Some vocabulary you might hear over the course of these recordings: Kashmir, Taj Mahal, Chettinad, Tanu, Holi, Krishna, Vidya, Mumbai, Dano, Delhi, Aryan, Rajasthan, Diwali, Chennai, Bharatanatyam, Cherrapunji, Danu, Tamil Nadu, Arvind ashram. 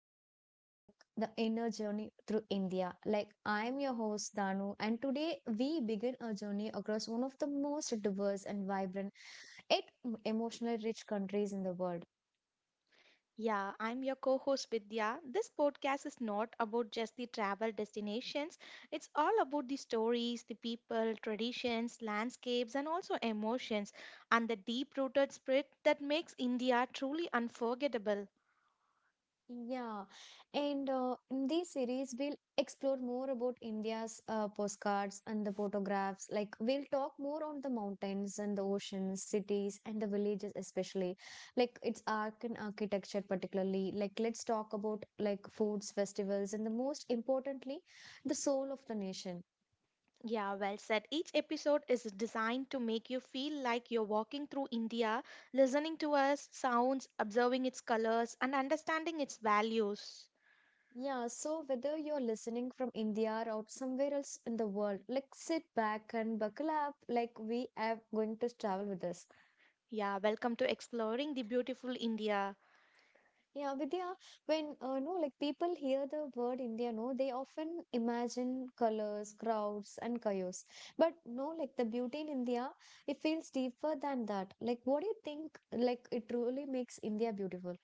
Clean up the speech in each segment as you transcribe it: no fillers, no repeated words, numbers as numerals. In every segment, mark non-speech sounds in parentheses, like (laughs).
wonderful podcast like The Inner Journey Through India. Like, I'm your host, Danu, and today we begin a journey across one of the most diverse and vibrant, yet emotionally rich countries in the world. Yeah, I'm your co host Vidya. This podcast is not about just the travel destinations, it's all about the stories, the people, traditions, landscapes, and also emotions, and the deep rooted spirit that makes India truly unforgettable. Yeah, and in this series, we'll explore more about India's postcards and the photographs. Like, we'll talk more on the mountains and the oceans, cities, and the villages, especially like its art and architecture, particularly. Like, let's talk about like foods, festivals, and the most importantly, the soul of the nation. Yeah, well said. Each episode is designed to make you feel like you're walking through India, listening to us, sounds, observing its colors, and understanding its values. Yeah, so whether you're listening from India or out somewhere else in the world, like sit back and buckle up, like we are going to travel with us. Yeah, welcome to Exploring the Beautiful India. Yeah, Vidya, when no, like people hear the word India, no, they often imagine colors, crowds, and chaos. But no, like the beauty in India, it feels deeper than that. Like, what do you think? Like, it truly makes India beautiful.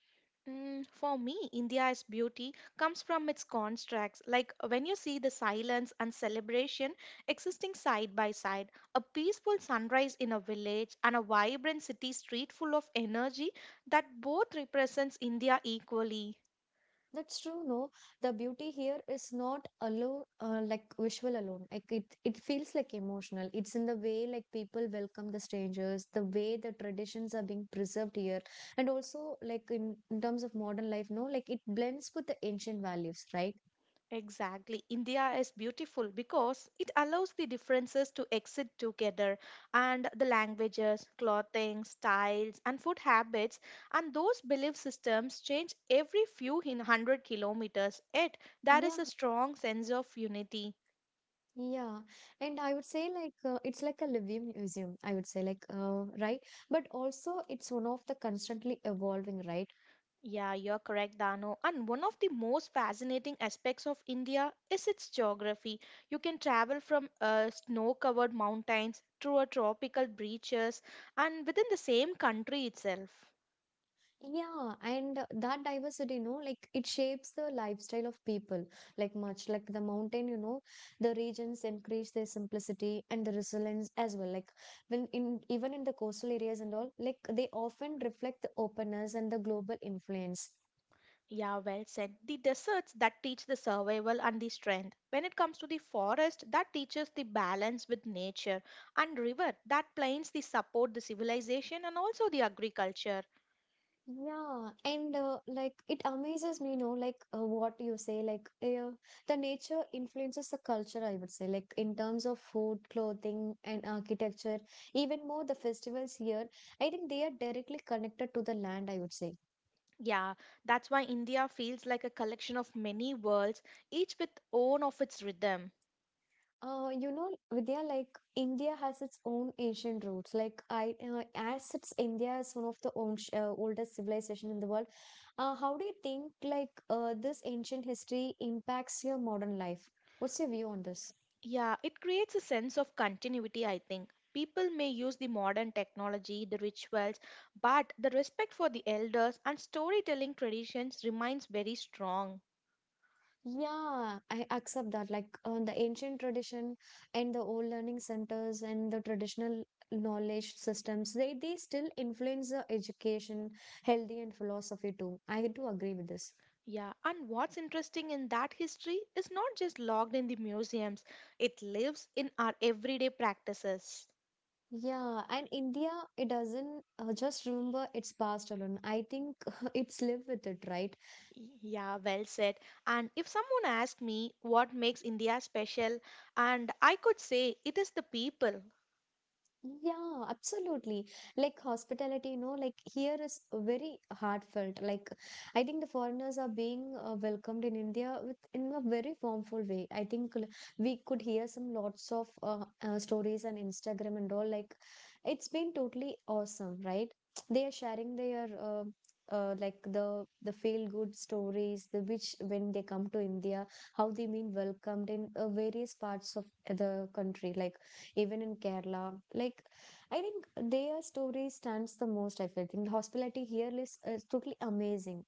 Mm, for me, India's beauty comes from its contrasts. Like when you see the silence and celebration existing side by side, a peaceful sunrise in a village and a vibrant city street full of energy that both represents India equally. That's true, no. The beauty here is not alone, like visual alone. Like it feels like emotional. It's in the way like people welcome the strangers, the way the traditions are being preserved here, and also like in terms of modern life, no, like it blends with the ancient values, right? Exactly. India is beautiful because it allows the differences to exist together, and the languages, clothing, styles, and food habits, and those belief systems change every few hundred kilometers. Yet, there Yeah, is a strong sense of unity. yeah. And I would say like it's like a living museum. I would say like right, but also it's one of the constantly evolving, right? Yeah, you're correct, Dano. And one of the most fascinating aspects of India is its geography. You can travel from snow covered mountains through a tropical breaches and within the same country itself. Yeah, and that diversity, you know, like it shapes the lifestyle of people. Like much like the mountain, you know, the regions increase their simplicity and the resilience as well. Like when in even in the coastal areas and all, like they often reflect the openness and the global influence. Yeah, well said. The deserts that teach the survival and the strength. When it comes to the forest, that teaches the balance with nature, and river that plains the support the civilization and also the agriculture. Yeah, and like it amazes me, you know, like what you say, like the nature influences the culture, I would say, like in terms of food, clothing, and architecture, even more the festivals here, I think they are directly connected to the land, I would say. Yeah, that's why India feels like a collection of many worlds, each with own of its rhythm. You know, Vidya, like India has its own ancient roots. Like I, as it's India is one of the own oldest civilization in the world. How do you think like this ancient history impacts your modern life? What's your view on this? Yeah, it creates a sense of continuity, I think. People may use the modern technology, the rituals, but the respect for the elders and storytelling traditions remains very strong. Yeah, I accept that. Like the ancient tradition and the old learning centers and the traditional knowledge systems, they still influence the education, healthy and philosophy too. I do agree with this. Yeah, and what's interesting in that history is not just logged in the museums, it lives in our everyday practices. Yeah, and India, it doesn't just remember its past alone. I think (laughs) it's live with it, right? Yeah, well said. And if someone asked me what makes India special, and I could say it is the people. Yeah, absolutely. Like hospitality, you know, like here is very heartfelt. Like I think the foreigners are being welcomed in India with in a very formful way. I think we could hear some lots of stories on Instagram and all. Like it's been totally awesome, right? They are sharing their like the feel good stories, the which when they come to India, how they mean welcomed in various parts of the country, like even in Kerala. Like, I think their story stands the most, I feel. I think the hospitality here is totally amazing.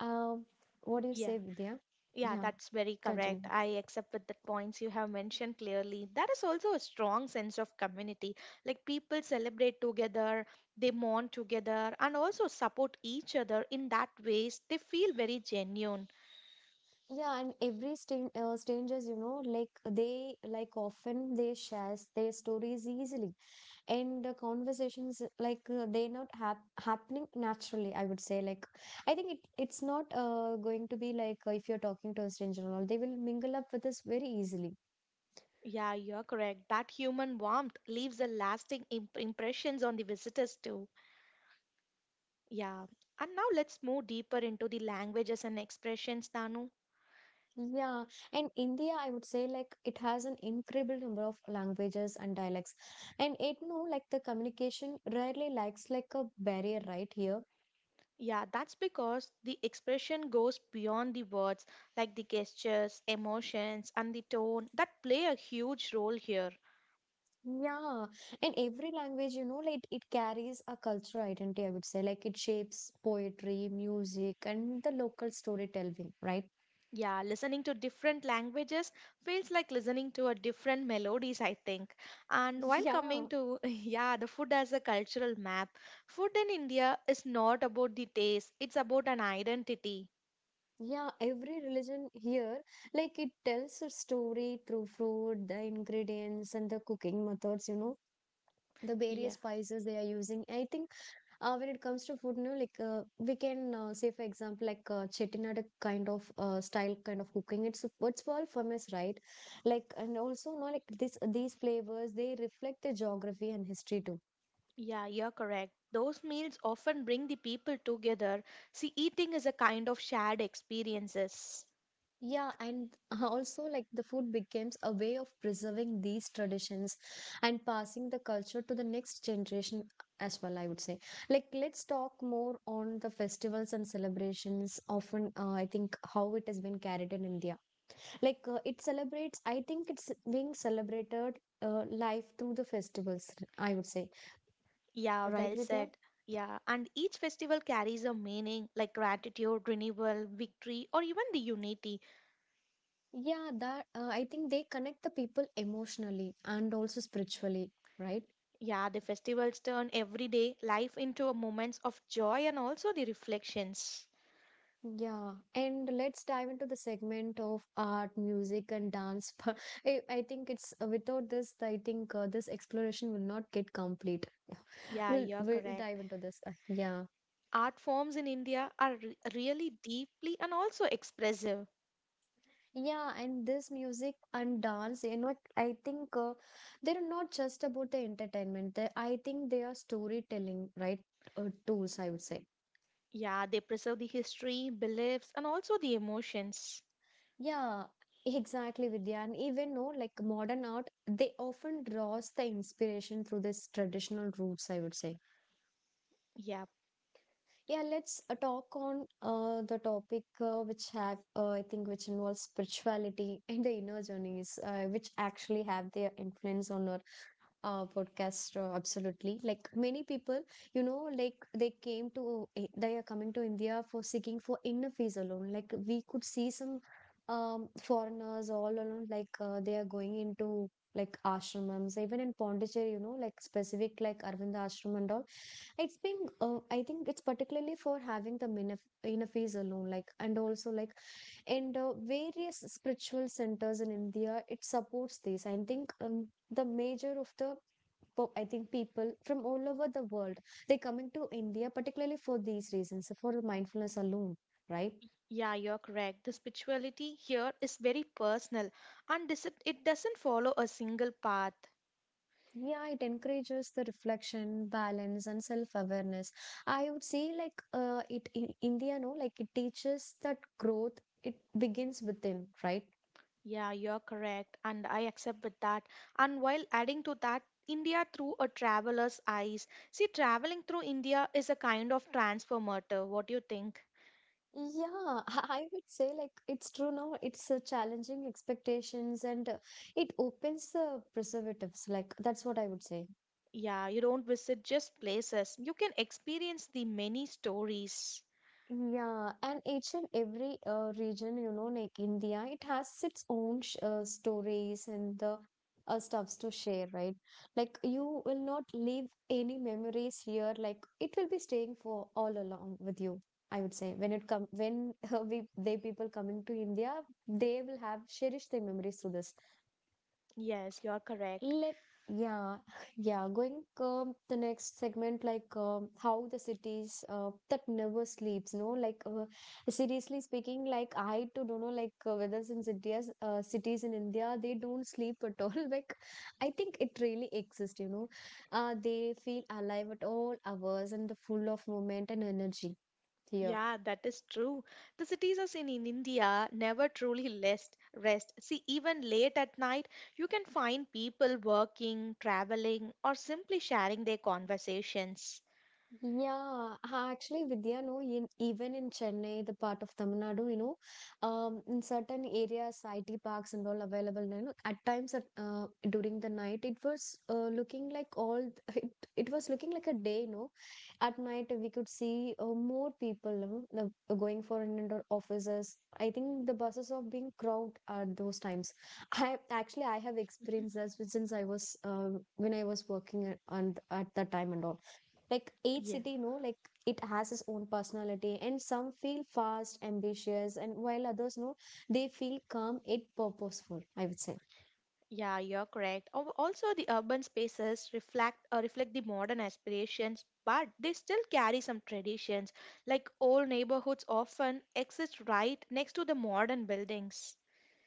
Um, what do you Yeah, say, Vidya? yeah, Yeah, that's very continue. correct. I accept with the points you have mentioned clearly. There is also a strong sense of community. Like people celebrate together, they mourn together, and also support each other in that ways they feel very genuine. Yeah, and every strangers, you know, like they like often they shares their stories easily, and the conversations like they not happening naturally. I would say like I think it's not going to be like if you're talking to a stranger and all, they will mingle up with us very easily. Yeah, you're correct. That human warmth leaves a lasting impressions on the visitors too. Yeah, and now let's move deeper into the languages and expressions, Tanu. Yeah, and India, I would say, like, it has an incredible number of languages and dialects. And it, no, like, the communication rarely lacks, like, a barrier right here. Yeah, that's because the expression goes beyond the words, like the gestures, emotions, and the tone that play a huge role here. Yeah, and every language, you know, like, it carries a cultural identity, I would say. Like, it shapes poetry, music, and the local storytelling, right? Yeah, listening to different languages feels like listening to a different melodies, I think. And while coming Yeah, to, (laughs) yeah, the food as a cultural map, food in India is not about the taste, it's about an identity. yeah, every religion here, like, it tells a story through food, the ingredients, and the cooking methods, you know the various spices they are using, I think. When it comes to food, no, like we can say, for example, like Chettinad kind of style kind of cooking. It's what's all famous, right? Like, and also, no, like this these flavors they reflect the geography and history too. Yeah, you're correct. Those meals often bring the people together. See, eating is a kind of shared experiences. Yeah, and (laughs) also like the food becomes a way of preserving these traditions and passing the culture to the next generation as well. I would say, like, let's talk more on the festivals and celebrations. Often, I think how it has been carried in India like it celebrates, I think it's being celebrated life through the festivals, I would say, Yeah, right, well Vidya? said. Yeah, and each festival carries a meaning like gratitude, renewal, victory, or even the unity. Yeah, that I think they connect the people emotionally and also spiritually, right? Yeah, the festivals turn everyday life into a moments of joy and also the reflections. Yeah, and let's dive into the segment of art, music and dance. (laughs) I think it's without this, I think this exploration will not get complete. Yeah, you're We'll correct. dive into this yeah. Art forms in India are really deeply and also expressive. Yeah, and this music and dance, you know, I think they're not just about the entertainment. They, I think they are storytelling, right? Tools, I would say. Yeah, they preserve the history, beliefs, and also the emotions. Yeah, exactly, Vidya. And even no, like modern art, they often draws the inspiration through this traditional roots, I would say. Yeah, Yeah, let's talk on the topic which have I think which involves spirituality (laughs) and the inner journeys, which actually have their influence on our podcast. Absolutely, like many people, you know, like they are coming to India for seeking for inner peace alone. Like we could see some foreigners all alone, like they are going into like ashrams, even in Pondicherry, you know, like specific like Arvind ashram and all. It's been I think it's particularly for having the inner peace alone, like, and also like and various spiritual centers in India, it supports this, I think. The major of I think people from all over the world, they coming to India particularly for these reasons, for the mindfulness alone, right? yeah, you're correct. The spirituality here is very personal and this, it doesn't follow a single path. Yeah, it encourages the reflection, balance, and self-awareness. I would say like it in India, no, like it teaches that growth it begins within, right? Yeah, you're correct, and I accept with that. And while adding to that, India through a traveler's eyes. See, traveling through India is a kind of transformative. What do you think? Yeah, (laughs) I would say like it's true now. It's challenging expectations and it opens the preservatives. Like that's what I would say. Yeah, you don't visit just places. You can experience the many stories. Yeah, and each and every region, you know, like India, it has its own sh stories and the stuffs to share, right? Like you will not leave any memories here. Like it will be staying for all along with you. I would say when it come when (laughs) we they people coming to India, they will have cherished their memories through this. Yes, you're correct. Let Yeah, (laughs) yeah. Going the next segment, like how the cities that never sleeps, no, like seriously speaking, like I too don't know, like whether in cities, cities in India, they don't sleep at all. (laughs) Like I think it really exists, you know. They feel alive at all hours and the full of moment and energy here. Yeah, that is true. The cities as in India never truly rest. See, even late at night, you can find people working, traveling, or simply sharing their conversations. Yeah, actually, Vidya, no, in, even in Chennai, the part of Tamil Nadu, you know, in certain areas, IT parks and all available, you know, at times at, during the night, it was looking like all, (laughs) it was looking like a day, no. At night, we could see more people you know, going for in and out offices. I think the buses are being crowded at those times. I have experienced this since when I was working at, and at that time and all. Like each Yeah, city, you know, like it has its own personality, and some feel fast, ambitious, and while others, know they feel calm yet purposeful, I would say. yeah, you're correct. Also, the urban spaces reflect reflect the modern aspirations, but they still carry some traditions. Like old neighborhoods often exist right next to the modern buildings.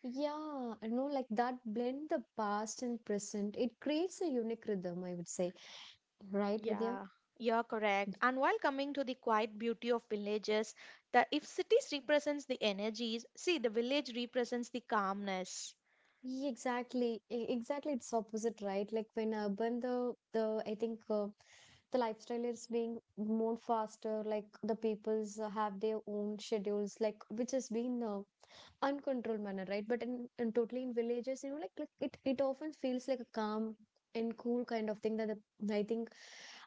Yeah, I know, like that blend the past and present, it creates a unique rhythm, I would say. Right, Vidya? Yeah, you're correct. And while coming to the quiet beauty of villages, that if cities represents the energies, see the village represents the calmness. Yeah, exactly, exactly. It's opposite, right? Like when urban, the I think the lifestyle is being more faster. Like the peoples have their own schedules, like which has been uncontrolled manner, right? But in totally in villages, you know, like it often feels like a calm and cool kind of thing that the, I think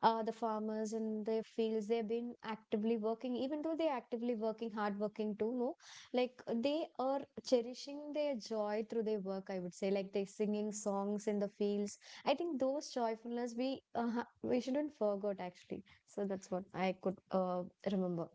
the farmers in their fields they've been actively working, even though they're actively working, hard working too. No, like they are cherishing their joy through their work. I would say, like they're singing songs in the fields. I think those joyfulness we we shouldn't forget actually. So that's what I could remember.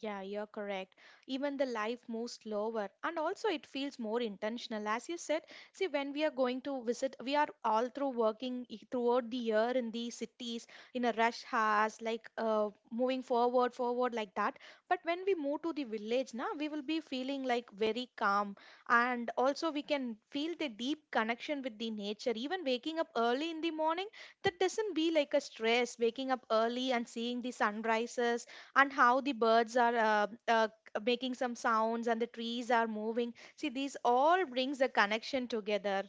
Yeah, you're correct. Even the life moves slower, and also it feels more intentional. As you said, see, when we are going to visit, we are all through working throughout the year in the cities in a rush hours, like moving forward, forward like that. But when we move to the village, now we will be feeling like very calm, and also we can feel the deep connection with the nature. Even waking up early in the morning, that doesn't be like a stress. Waking up early and seeing the sunrises and how the birds are making some sounds and the trees are moving, see these all brings a connection together.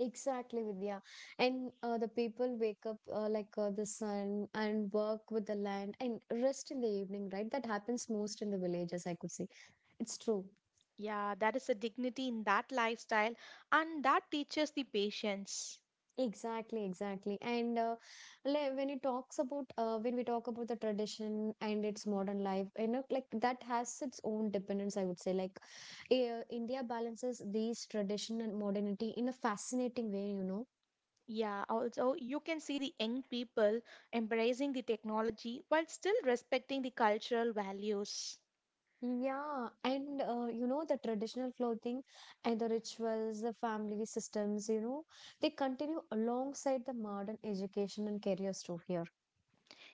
Exactly, Vidya. And the people wake up like the sun and work with the land and rest in the evening, right? That happens most in the villages, I could see. It's true. Yeah, that is a dignity in that lifestyle, and that teaches the patience. Exactly, exactly. And like when we talk about the tradition and its modern life, you know, like that has its own dependence, I would say. Like India balances these tradition and modernity in a fascinating way, you know. Yeah, also you can see the young people embracing the technology while still respecting the cultural values. Yeah, and you know, the traditional clothing and the rituals, the family systems, you know, they continue alongside the modern education and careers too here.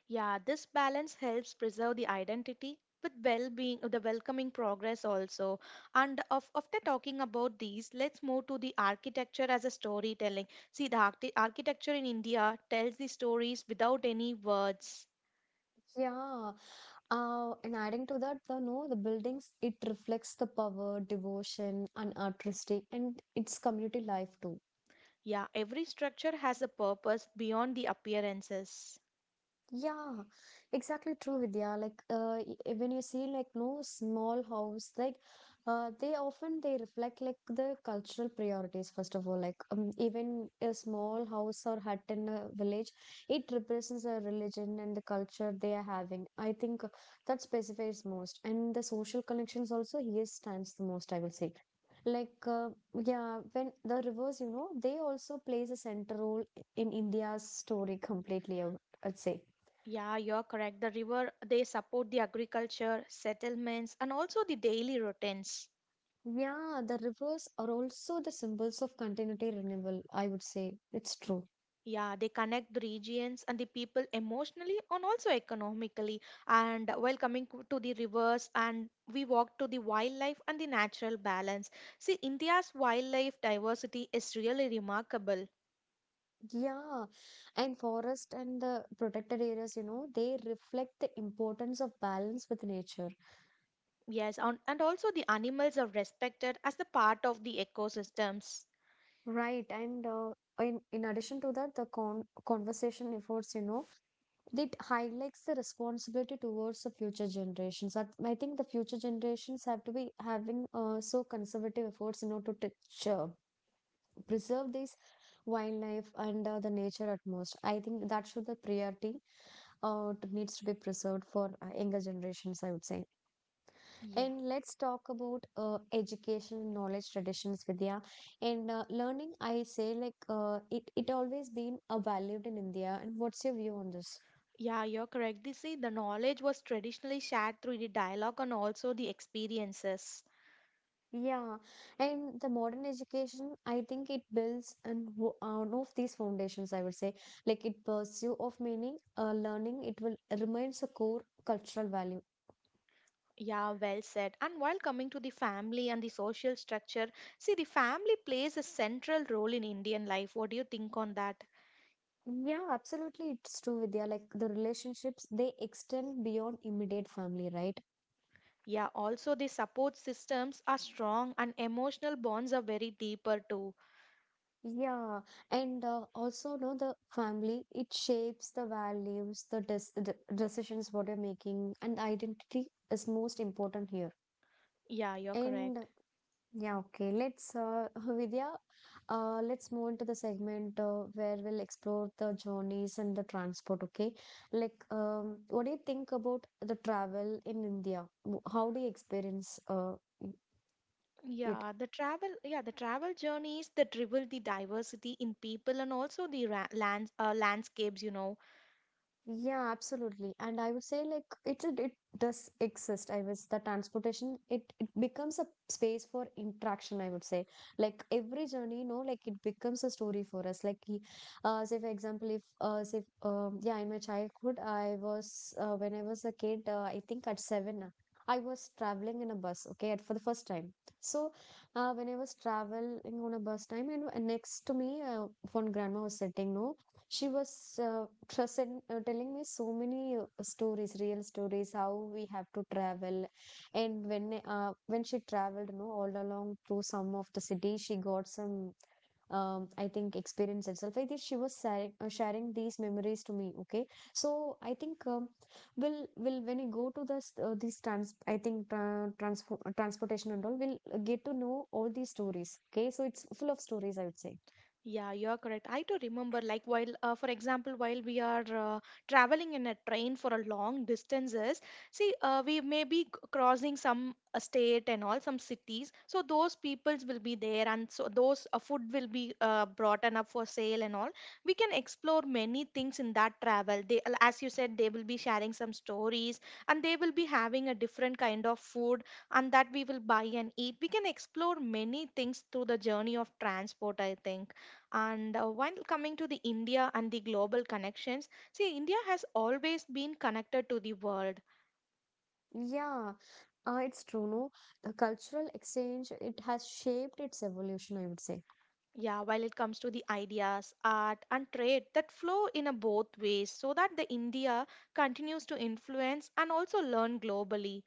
Yeah, this balance helps preserve the identity with well-being, the welcoming progress also. And of, after talking about these, let's move to the architecture as a storytelling. See, the architecture in India tells the stories without any words. Yeah, and adding to that, the no, the buildings, it reflects the power, devotion, and artistry, and its community life too. Yeah, every structure has a purpose beyond the appearances. Yeah, exactly true, Vidya. Like, when you see like no small house, like, they often they reflect like the cultural priorities first of all. Like, even a small house or hut in a village, it represents a religion and the culture they are having. I think that specifies most, and the social connections also here stands the most. I will say. Like, yeah, when the rivers, you know, they also plays a central role in India's story completely. I'd say. Yeah, you're correct. The river, they support the agriculture, settlements, and also the daily routines. Yeah, the rivers are also the symbols of continuity renewal, I would say. It's true. Yeah, they connect the regions and the people emotionally and also economically. And while coming to the rivers, and we walk to the wildlife and the natural balance. See, India's wildlife diversity is really remarkable. Yeah, and forest and the protected areas, you know, they reflect the importance of balance with nature. Yes, and also the animals are respected as the part of the ecosystems. Right, and in addition to that, the conversation efforts, you know, it highlights the responsibility towards the future generations. I think the future generations have to be having so conservative efforts, you know, to preserve this wildlife and the nature at most. I think that should the priority needs to be preserved for younger generations, I would say. Yeah. And let's talk about education, knowledge, traditions, Vidya. And learning, I say like it always been valued in India. And what's your view on this? Yeah, you're correct. You see, the knowledge was traditionally shared through the dialogue and also the experiences. Yeah, and the modern education, I think it on of these foundations, I would say. Like it pursue of meaning, learning, it will remains a core cultural value. Yeah, well said. And while coming to the family and the social structure, see, the family plays a central role in Indian life. What do you think on that? Yeah, absolutely, it's true, Vidya. Like the relationships, they extend beyond immediate family, right? Yeah, also the support systems are strong and emotional bonds are very deeper too. Yeah, and also, no, the family, it shapes the values, the decisions what you're making, and identity is most important here. Yeah, you're And correct. yeah, okay. Let's, (laughs) Vidya, let's move into the segment where we'll explore the journeys and the transport. Okay, like, what do you think about the travel in India? How do you experience it? Yeah, the travel journeys that reveal the diversity in people and also the ra lands, landscapes, you know. Yeah, absolutely. And I would say like it's a, it does exist. I was the transportation it becomes a space for interaction, I would say. Like every journey, you know, like it becomes a story for us. Like y- say for example if say yeah, in my childhood I was when I was a kid, I think at seven I was traveling in a bus, okay, at for the first time. So when I was traveling on a bus time and next to me one grandma was sitting, no, she was telling me so many stories, real stories, how we have to travel. And when she traveled, you know, all along through some of the cities, she got some, I think, experience itself. I think she was sharing these memories to me. Okay, so I think will when you go to this these trans, I think tra- transfor- transportation and all, we'll get to know all these stories. Okay, so it's full of stories, I would say. Yeah, you're correct. I do remember, like, while, for example, while we are traveling in a train for a long distances, see, we may be crossing some state and all some cities. So those peoples will be there, and so those food will be brought and up for sale and all. We can explore many things in that travel. They, as you said, they will be sharing some stories, and they will be having a different kind of food, and that we will buy and eat. We can explore many things through the journey of transport, I think. And while coming to the India and the global connections, see, India has always been connected to the world. Yeah, it's true, no? The cultural exchange, it has shaped its evolution, I would say. Yeah, while it comes to the ideas, art, and trade that flow in a both ways, so that the India continues to influence and also learn globally.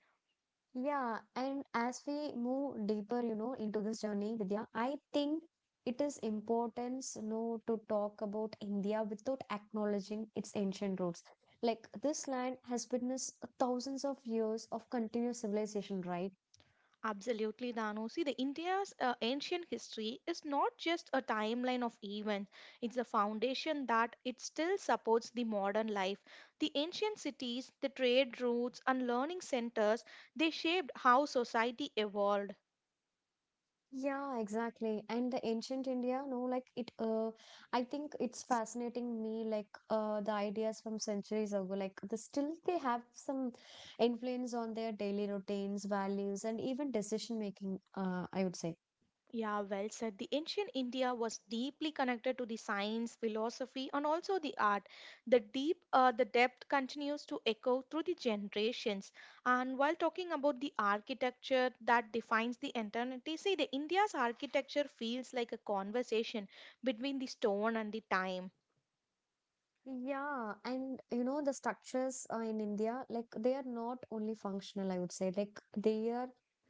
Yeah, and as we move deeper, you know, into this journey, Vidya, I think it is important, you know, to talk about India without acknowledging its ancient roots. Like this land has witnessed thousands of years of continuous civilization, right? Absolutely, Danu. See, the India's ancient history is not just a timeline of events; it's a foundation that it still supports the modern life. The ancient cities, the trade routes, and learning centers, they shaped how society evolved. Yeah, exactly. And the ancient India, no, like it I think it's fascinating me like the ideas from centuries ago. Like the still they have some influence on their daily routines, values, and even decision making, I would say. Yeah, well said. The ancient India was deeply connected to the science, philosophy, and also the art. The deep, the depth continues to echo through the generations. And while talking about the architecture that defines the eternity, see, the India's architecture feels like a conversation between the stone and the time. Yeah, and you know the structures in India, like they are not only functional, I would say, like they are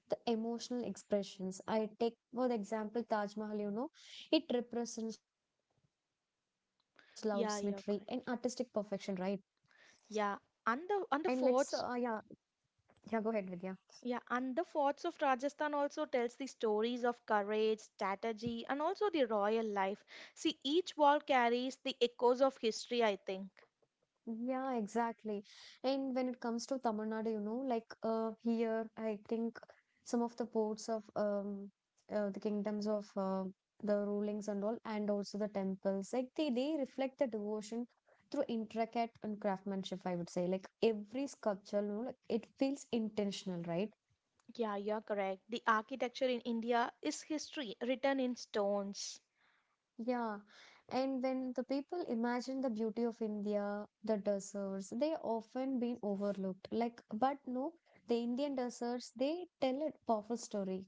the emotional expressions. I take for the example Taj Mahal, you know, it represents love, symmetry, and artistic Yeah, perfection, you're right? correct. Yeah, And and let's, the uh, yeah, forts. yeah, go ahead, Vidya. Yeah, and the forts of Rajasthan also tells the stories of courage, strategy, and also the royal life. See, each wall carries the echoes of history, I think. Yeah, exactly. And when it comes to Tamil Nadu, you know, here, I think some of the ports of the kingdoms of the rulings and all, and also the temples, they reflect the devotion through intricate and craftsmanship, I would say. Like every sculpture, you know, like it feels intentional, right? Yeah, you're correct. The architecture in India is history written in stones. Yeah, and when the people imagine the beauty of India, the deserts, they often been overlooked. Like, but no, the Indian deserts, they tell a powerful story.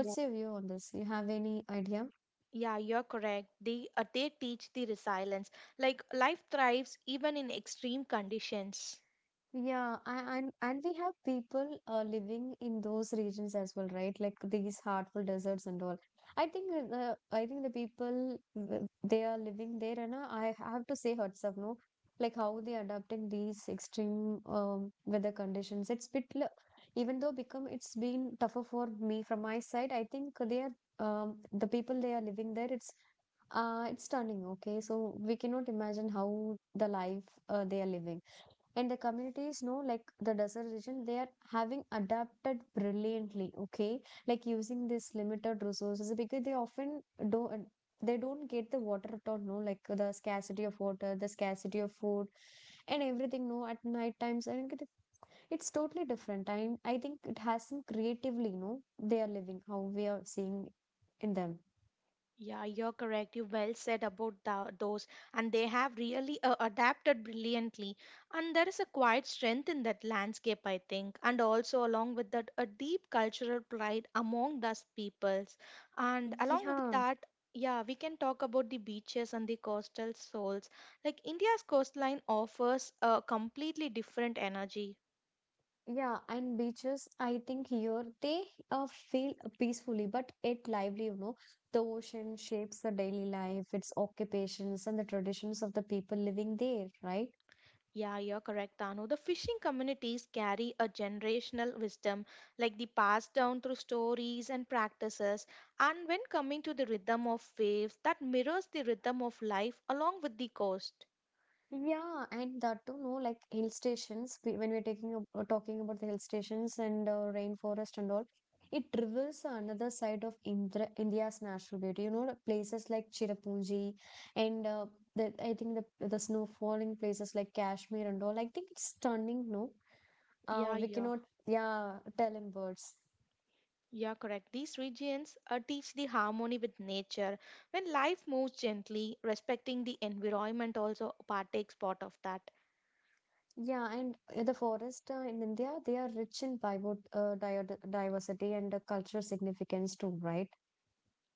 Yeah. your view on this? You have any idea? Yeah, you're correct. They teach the resilience. Like life thrives even in extreme conditions. Yeah, and we have people living in those regions as well, right? Like these heartful deserts and all. I think the people, they are living there, and I have to say hats off, no? Like how they are adapting these extreme weather conditions. Even though become it's been tougher for me from my side. I think they are the people they are living there. It's stunning. Okay, so we cannot imagine how the life they are living, and the communities know, like the desert region they are having adapted brilliantly. Okay, like using this limited resources because they often don't don't get the water at all, no, like the scarcity of water, the scarcity of food and everything, no. At night times, I think it's totally different. I think it has some creatively, no, they are living how we are seeing in them. Yeah, you're correct. You well said about those, and they have really adapted brilliantly. And there is a quiet strength in that landscape, I think, and also along with that, a deep cultural pride among those peoples. And along with Yeah, that, yeah, we can talk about the beaches and the coastal souls. Like India's coastline offers a completely different energy. Yeah, and beaches, I think here they feel peacefully but yet lively, you know. The ocean shapes the daily life, its occupations, and the traditions of the people living there, right? Yeah, you're correct, Tanu. The fishing communities carry a generational wisdom, like the passed down through stories and practices. And when coming to the rhythm of waves, that mirrors the rhythm of life along with the coast. Yeah, and that too, no, like hill stations, we- when we're taking ab- talking about the hill stations and rainforest and all, it reveals another side of India's natural beauty. You know, the places like Cherrapunji and the, I think the snow falling places like Kashmir and all, I think it's stunning, no? Yeah, We yeah, cannot, yeah, tell in words. yeah, correct. These regions teach the harmony with nature. When life moves gently, respecting the environment also partakes part of that. Yeah, and the forest in India, they are rich in diversity and cultural significance too, right?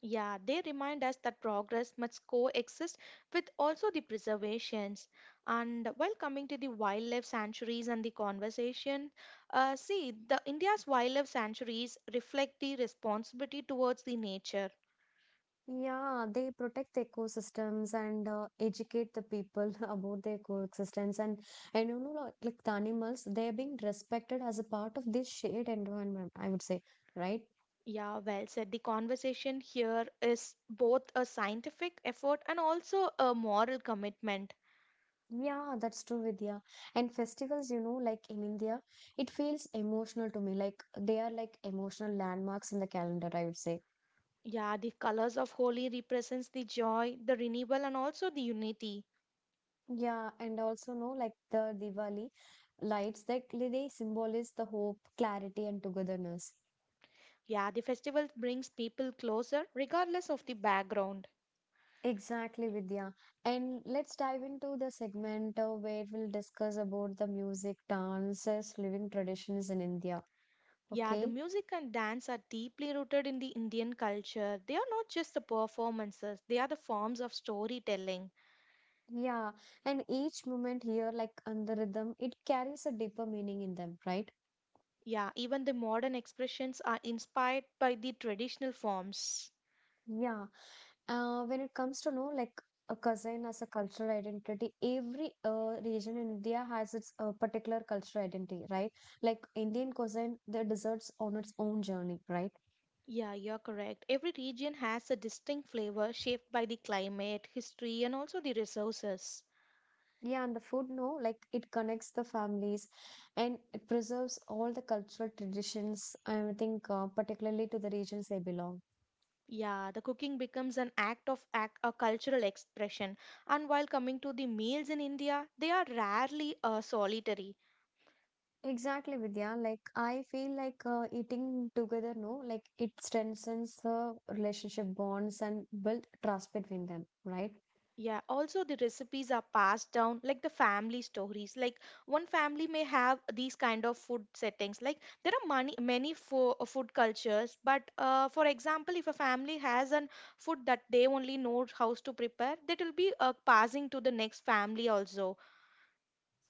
Yeah, they remind us that progress must coexist with also the preservations. And while coming to the wildlife sanctuaries and the conversation, see, the India's wildlife sanctuaries reflect the responsibility towards the nature. Yeah, they protect the ecosystems and educate the people (laughs) about their coexistence, and you know, like the animals, they are being respected as a part of this shared environment, I would say, right? Yeah, well said. The conversation here is both a scientific effort and also a moral commitment. Yeah, that's true, Vidya. And festivals, you know, like in India, it feels emotional to me. Like they are like emotional landmarks in the calendar, I would say. Yeah, the colors of Holi represents the joy, the renewal, and also the unity. Yeah, and also, no, like the Diwali lights, like they symbolize the hope, clarity, and togetherness. Yeah, the festival brings people closer regardless of the background. Exactly, Vidya. And let's dive into the segment where we'll discuss about the music, dances, living traditions in India. Yeah, the Okay. music and dance are deeply rooted in the Indian culture. They are not just the performances, they are the forms of storytelling. Yeah, and each moment here, like on the rhythm, it carries a deeper meaning in them, right? Yeah, even the modern expressions are inspired by the traditional forms. Yeah. When it comes to know like a cuisine as a cultural identity, every region in India has its particular cultural identity, right? Like Indian cuisine, the desserts on its own journey, right? Yeah, you're correct. Every region has a distinct flavor shaped by the climate, history, and also the resources. Yeah, and the food, no, like it connects the families and it preserves all the cultural traditions, I think, particularly to the regions they belong. Yeah, the cooking becomes an act of act, a cultural expression. And while coming to the meals in India, they are rarely solitary. Exactly, Vidya. Like, I feel like eating together, no, like it strengthens the relationship bonds and build trust between them, right? Yeah, also the recipes are passed down like the family stories. Like one family may have these kind of food settings. Like there are many many food cultures, but for example, if a family has an food that they only know how to prepare, that will be passing to the next family also.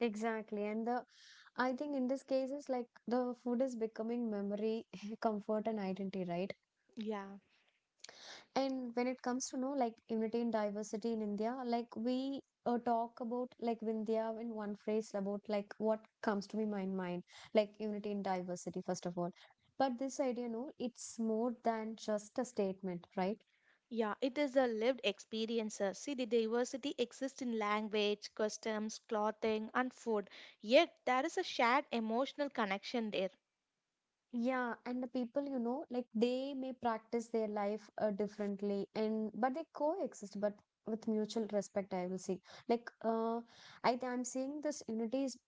Exactly. And the I think in this case is like the food is becoming memory, (laughs) comfort, and identity, right? Yeah. And when it comes to know like unity and diversity in India, like we talk about like Vindhya in one phrase about like what comes to me my mind, like unity and diversity first of all. But this idea, no, it's more than just a statement, right? Yeah, it is a lived experience. See, the diversity exists in language, customs, clothing, and food. Yet, there is a shared emotional connection there. Yeah, and the people, you know, like they may practice their life differently, and but they coexist, but with mutual respect, I will say. Like, I'm seeing this unity is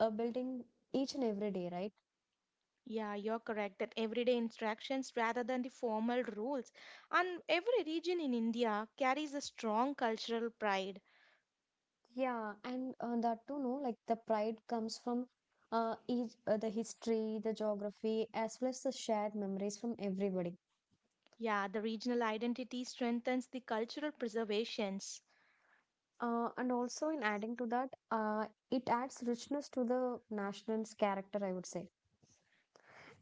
building each and every day, right? Yeah, you're correct that everyday instructions rather than the formal rules. And every region in India carries a strong cultural pride. Yeah, and that too, no, like the pride comes from each, the history, the geography, as well as the shared memories from everybody. Yeah, the regional identity strengthens the cultural preservations. And also, in adding to that, it adds richness to the national's character, I would say.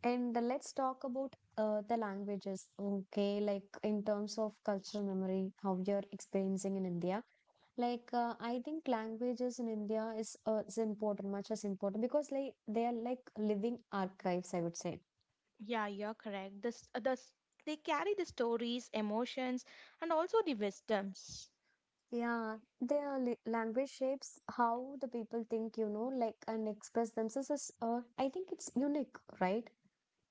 And let's talk about the languages, okay? Like in terms of cultural memory, how you're experiencing in India. Like I think languages in India is important, much as important because like they are like living archives, I would say. Yeah, you're correct. This, they carry the stories, emotions, and also the wisdoms. Yeah, language shapes how the people think, you know, like and express themselves. Is, I think it's unique, right?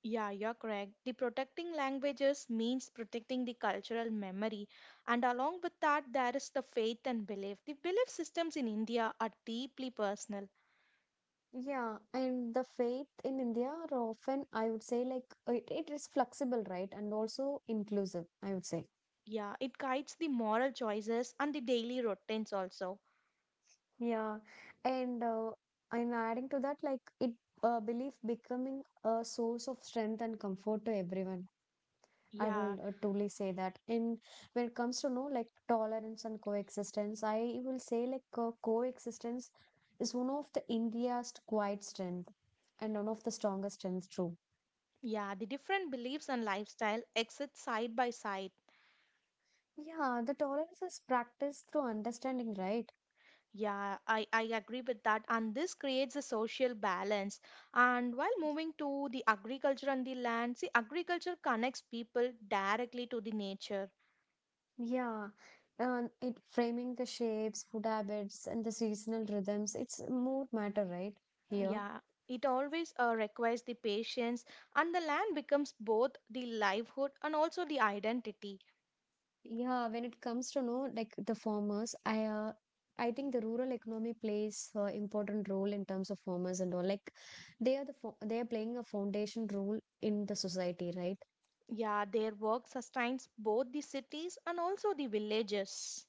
Yeah, you're correct. The protecting languages means protecting the cultural memory, and along with that, there is the faith and belief. The belief systems in India are deeply personal. Yeah, and the faith in India are often, I would say, like it is flexible, right? And also inclusive, I would say. Yeah, it guides the moral choices and the daily routines also. Yeah, and I adding to that, like it belief becoming a source of strength and comfort to everyone. I Yeah, will truly say that. In when it comes to know like tolerance and coexistence, I will say like coexistence is one of the India's quiet strength and one of the strongest strengths too. yeah, the different beliefs and lifestyle exist side by side. Yeah, the tolerance is practiced through understanding, right? Yeah, I agree with that, and this creates a social balance. And while moving to the agriculture and the land, see, agriculture connects people directly to the nature. Yeah, and it framing the shapes, food habits, and the seasonal rhythms. It's more matter, right? Here. Yeah, it always requires the patience, and the land becomes both the livelihood and also the identity. Yeah, when it comes to know like the farmers, I think the rural economy plays important role in terms of farmers and all. Like they are they are playing a foundation role in the society, right? Yeah, their work sustains both the cities and also the villages.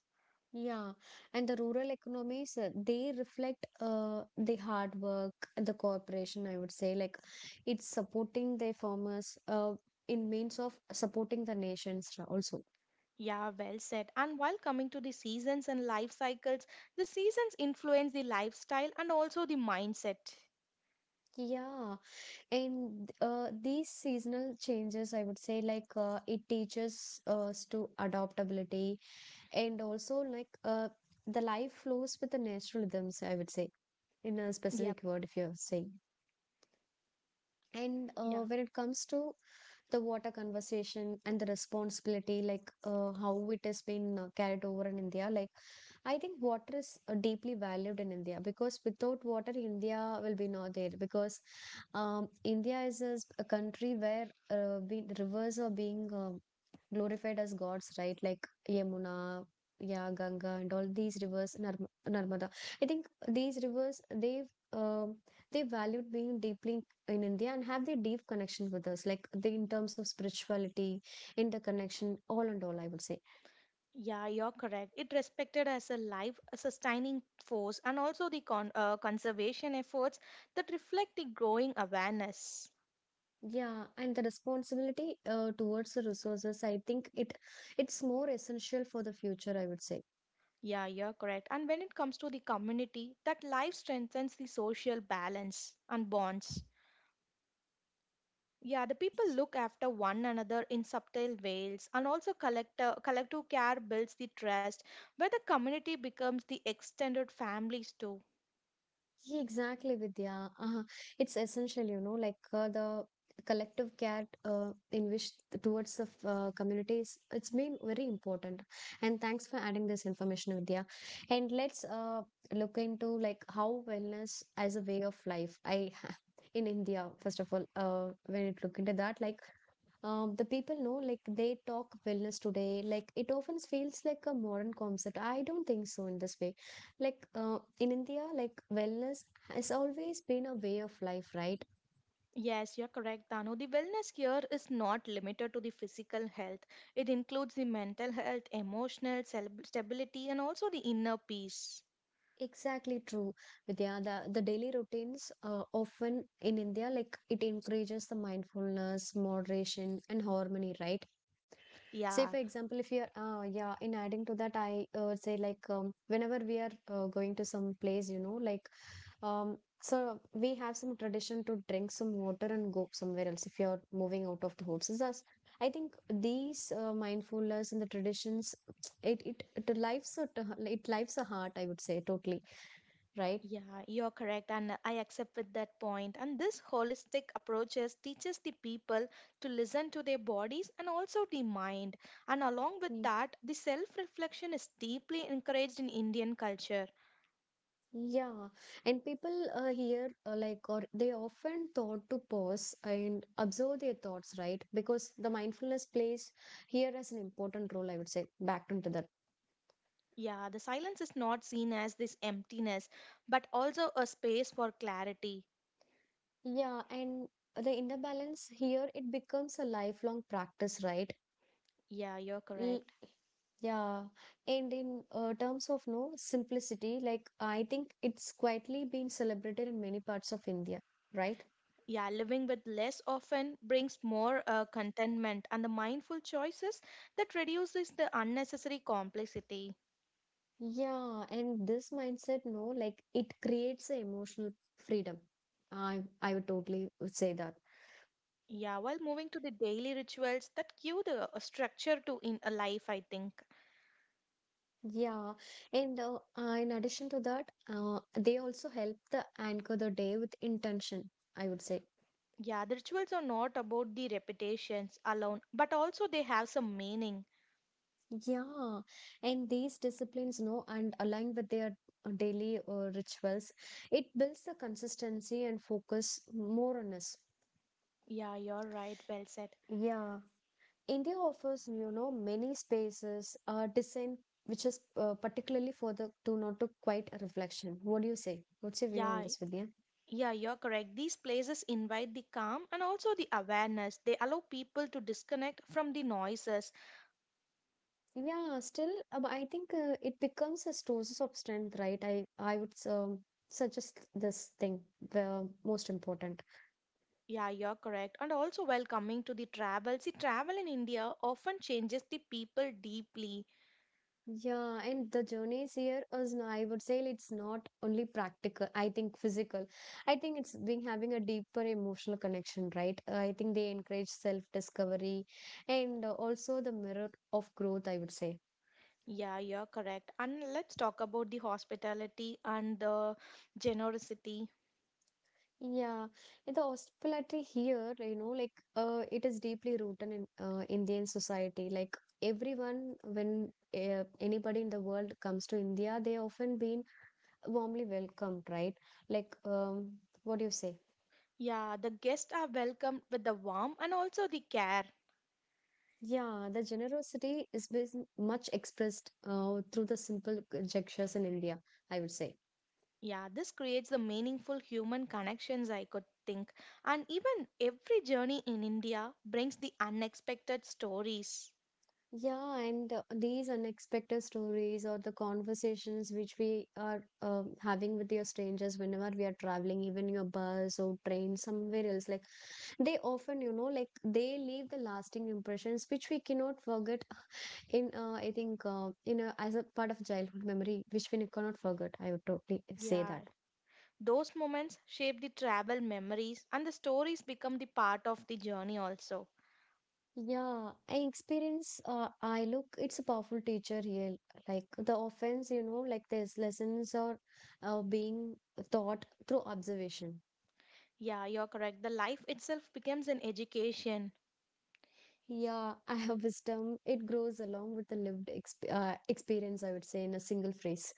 Yeah, and the rural economies they reflect the hard work, the cooperation. I would say like it's supporting the farmers in means of supporting the also. Yeah, well said. And while coming to the seasons and life cycles, the seasons influence the lifestyle and also the mindset. Yeah. And these seasonal changes, I would say, like it teaches us to adaptability and also like the life flows with the natural rhythms, I would say, in a Yep, specific word, if you're saying. And yeah. When it comes to the water conversation and the responsibility like how it has been carried over in India, like I think water is deeply valued in India because without water India will be not there because um, India is a, a country where we, the rivers are being glorified as gods, right? Like Yamuna, yeah, Ganga, and all these rivers, Narmada. I think these rivers they've um they valued being deeply in India and have their deep connection with us, like the, in terms of spirituality, interconnection, all and all, I would say. Yeah, you're correct. It respected as a life sustaining force and also the conservation efforts that reflect the growing awareness. Yeah, and the responsibility towards the resources, I think it's more essential for the future, I would say. Yeah, you're correct. And when it comes to the community, that life strengthens the social balance and bonds. Yeah, the people look after one another in subtle ways, and also collective care builds the trust, where the community becomes the extended families too. Yeah, exactly, Vidya. Uh, it's essential, you know, like the collective care in which towards the communities, it's been very important. And thanks for adding this information, Vidya. And let's look into like how wellness as a way of life. I (laughs) in India, first of all, when it look into that, like the people know like they talk wellness today, like it often feels like a modern concept. I don't think so in this way. Like in India, like wellness has always been a way of life, right? Yes, you're correct, Danu. The wellness here is not limited to the physical health. It includes the mental health, emotional stability, and also the inner peace. Exactly true, Vidya. The daily routines often in India, like it encourages the mindfulness, moderation, and harmony, right? Say Yeah. for example, if you're yeah, in adding to that I would say like, whenever we are going to some place, you know, like Um, so we have some tradition to drink some water and go somewhere else if you're moving out of the home. So that's, I think these mindfulness and the traditions, it lives a it lives a heart. I would say totally right. Yeah, you're correct, and I accept with that point. And this holistic approaches teaches the people to listen to their bodies and also the mind. And along with Mm. that, the self-reflection is deeply encouraged in Indian culture. Yeah, and people here like, or they often thought to pause and observe their thoughts, right? Because the mindfulness plays here as an important role. I would say back into the Yeah, the silence is not seen as this emptiness, but also a space for clarity. Yeah, and the inner balance here, it becomes a lifelong practice, right? Yeah, you're L- correct. yeah. And in terms of no simplicity, like I think it's quietly been celebrated in many parts of India, right? Yeah, living with less often brings more contentment and the mindful choices that reduces the unnecessary complexity. Yeah, and this mindset, no, like it creates a emotional freedom. I would totally would say that. Yeah, while moving to the daily rituals that give the a structure to in a life, I think. Yeah, and in addition to that, they also help the anchor the day with intention, I would say. Yeah, the rituals are not about the repetitions alone, but also they have some meaning. Yeah, and these disciplines know and align with their daily rituals. It builds the consistency and focus more on us. Yeah, you're right. Well said. Yeah, India offers, you know, many spaces, design, which is particularly for the to not to quite reflection. What do you say? What's your view on Yeah, this, Vidya? yeah, you're correct. These places invite the calm and also the awareness. They allow people to disconnect from the noises. Yeah, still, I think it becomes a source of strength, right? I would suggest this thing the most important. Yeah, you're correct. And also, while coming to the travel, see, travel in India often changes the people deeply. Yeah, and the journeys here is no, I would say it's not only practical. I think physical. I think it's being having a deeper emotional connection, right? I think they encourage self-discovery and also the mirror of growth, I would say. Yeah, you're correct. And let's talk about the hospitality and the generosity. Yeah, in the hospitality here, you know, like it is deeply rooted in Indian society. Like everyone, when anybody in the world comes to India, they often been warmly welcomed, right? Like, what do you say? Yeah, the guests are welcomed with the warmth and also the care. Yeah, the generosity is much expressed through the simple gestures in India, I would say. Yeah, this creates the meaningful human connections, I could think. And even every journey in India brings the unexpected stories. Yeah, and these unexpected stories or the conversations which we are having with your strangers whenever we are traveling, even your bus or train somewhere else, like they often, you know, like they leave the lasting impressions which we cannot forget in, I think, in a, as a part of childhood memory, which we cannot forget. I would totally say Yeah, that. those moments shape the travel memories, and the stories become the part of the journey also. Yeah, I experience, I look, it's a powerful teacher here. Like the offense, you know, like there's lessons are being taught through observation. Yeah, you're correct. The life itself becomes an education. Yeah, I have wisdom. It grows along with the lived experience, I would say, in a single phrase.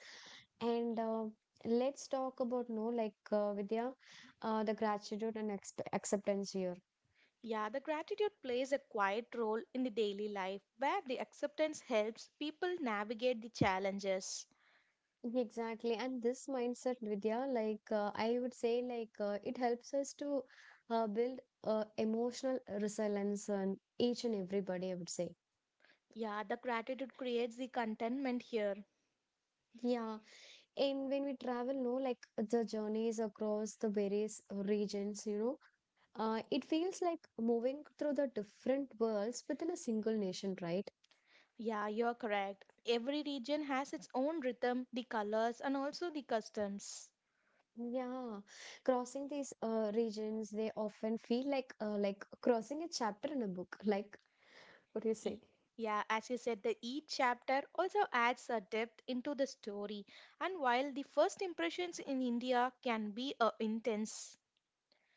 And let's talk about, no, like Vidya, the gratitude and exp acceptance here. Yeah, the gratitude plays a quiet role in the daily life where the acceptance helps people navigate the challenges. Exactly. And this mindset, Vidya, like I would say, like it helps us to build emotional resilience on each and everybody, I would say. Yeah, the gratitude creates the contentment here. Yeah. And when we travel, no, like the journeys across the various regions, you know, it feels like moving through the different worlds within a single nation, right? Yeah, you're correct. Every region has its own rhythm, the colors, and also the customs. Yeah, crossing these regions, they often feel like crossing a chapter in a book. Like, what do you say? E- Yeah, as you said, the each chapter also adds a depth into the story. And while the first impressions in India can be intense,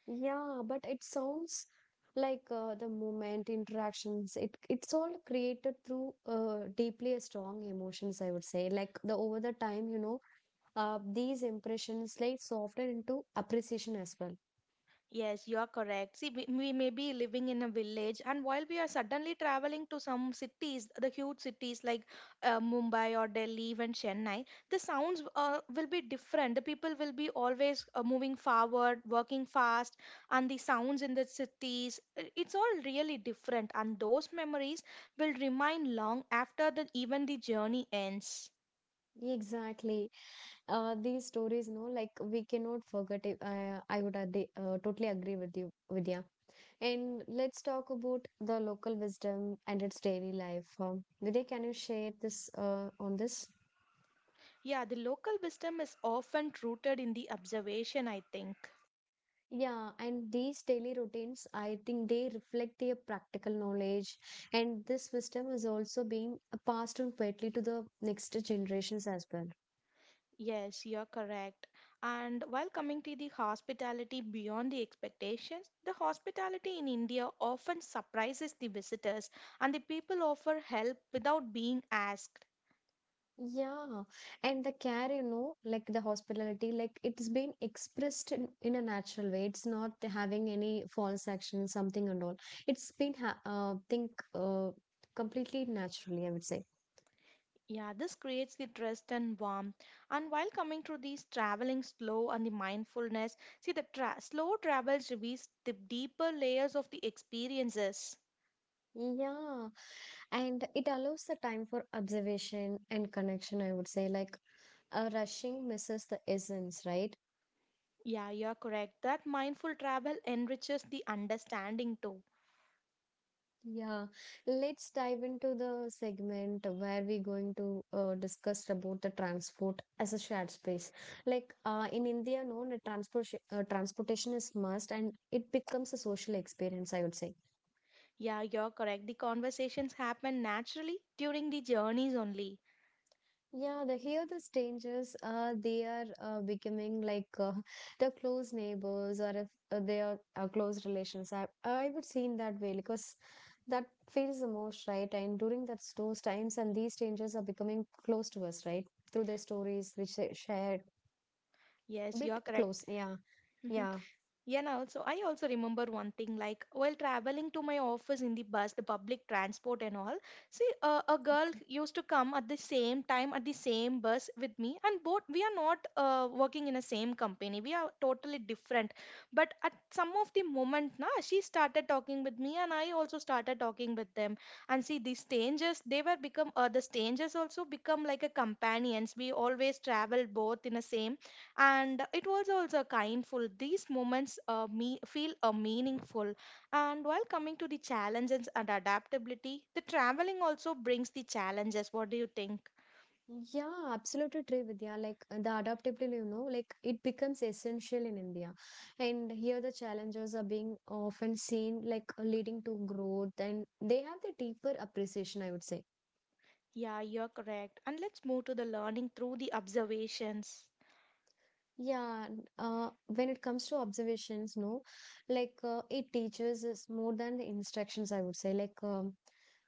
Yeah, but it sounds like the moment interactions. It's all created through deeply strong emotions. I would say, like the over the time, you know, these impressions like soften into appreciation as well. yes, you are correct. See, we may be living in a village, and while we are suddenly traveling to some cities, the huge cities like Mumbai or Delhi, even Chennai, the sounds will be different. The people will be always moving forward, working fast, and the sounds in the cities, it's all really different. And those memories will remain long after the even the journey ends. Exactly. These stories, no, like we cannot forget it. I would totally agree with you, Vidya. And let's talk about the local wisdom and its daily life. Vidya, can you share this on this? Yeah, the local wisdom is often rooted in the observation, I think. Yeah, and these daily routines, I think they reflect their practical knowledge, and this wisdom is also being passed on quietly to the next generations as well. Yes, you're correct. And while coming to the hospitality beyond the expectations, the hospitality in India often surprises the visitors and the people offer help without being asked. Yeah, and the care, you know, like the hospitality, like it's been expressed in a natural way. It's not having any false action, something and all. It's been, ha think, completely naturally, I would say. Yeah, this creates the trust and warmth. And while coming to these traveling slow and the mindfulness, see the slow travels reveals the deeper layers of the experiences. Yeah, and it allows the time for observation and connection, I would say, like rushing misses the essence, right? Yeah, you're correct. That mindful travel enriches the understanding too. Yeah, let's dive into the segment where we're going to discuss about the transport as a shared space. Like in India, known transport transportation is must, and it becomes a social experience, I would say. Yeah, you're correct. The conversations happen naturally during the journeys only. Yeah, the here the strangers they are becoming like (laughs) the close neighbors, or if they are close relations. I would see in that way because that feels the most right. And during that those times, and these strangers are becoming close to us, right? Through their stories, which they shared, a Yes, bit you're close. correct. Yeah, (laughs) yeah. Yeah, now so I also remember one thing like while traveling to my office in the bus, the public transport and all. See, a girl used to come at the same time at the same bus with me, and both we are not working in the same company. We are totally different. But at some of the moment, na, she started talking with me, and I also started talking with them. And see, these strangers, they were become the strangers also become like a companions. We always travel both in the same, and it was also kindful these moments feel meaningful. And while coming to the challenges and adaptability, the traveling also brings the challenges. What do you think? Yeah, absolutely true, Vidya. Like the adaptability, you know, like it becomes essential in India. And here the challenges are being often seen like leading to growth and they have the deeper appreciation, I would say. Yeah, you're correct. And let's move to the learning through the observations. Yeah, when it comes to observations, no, like it teaches us more than the instructions, I would say. Like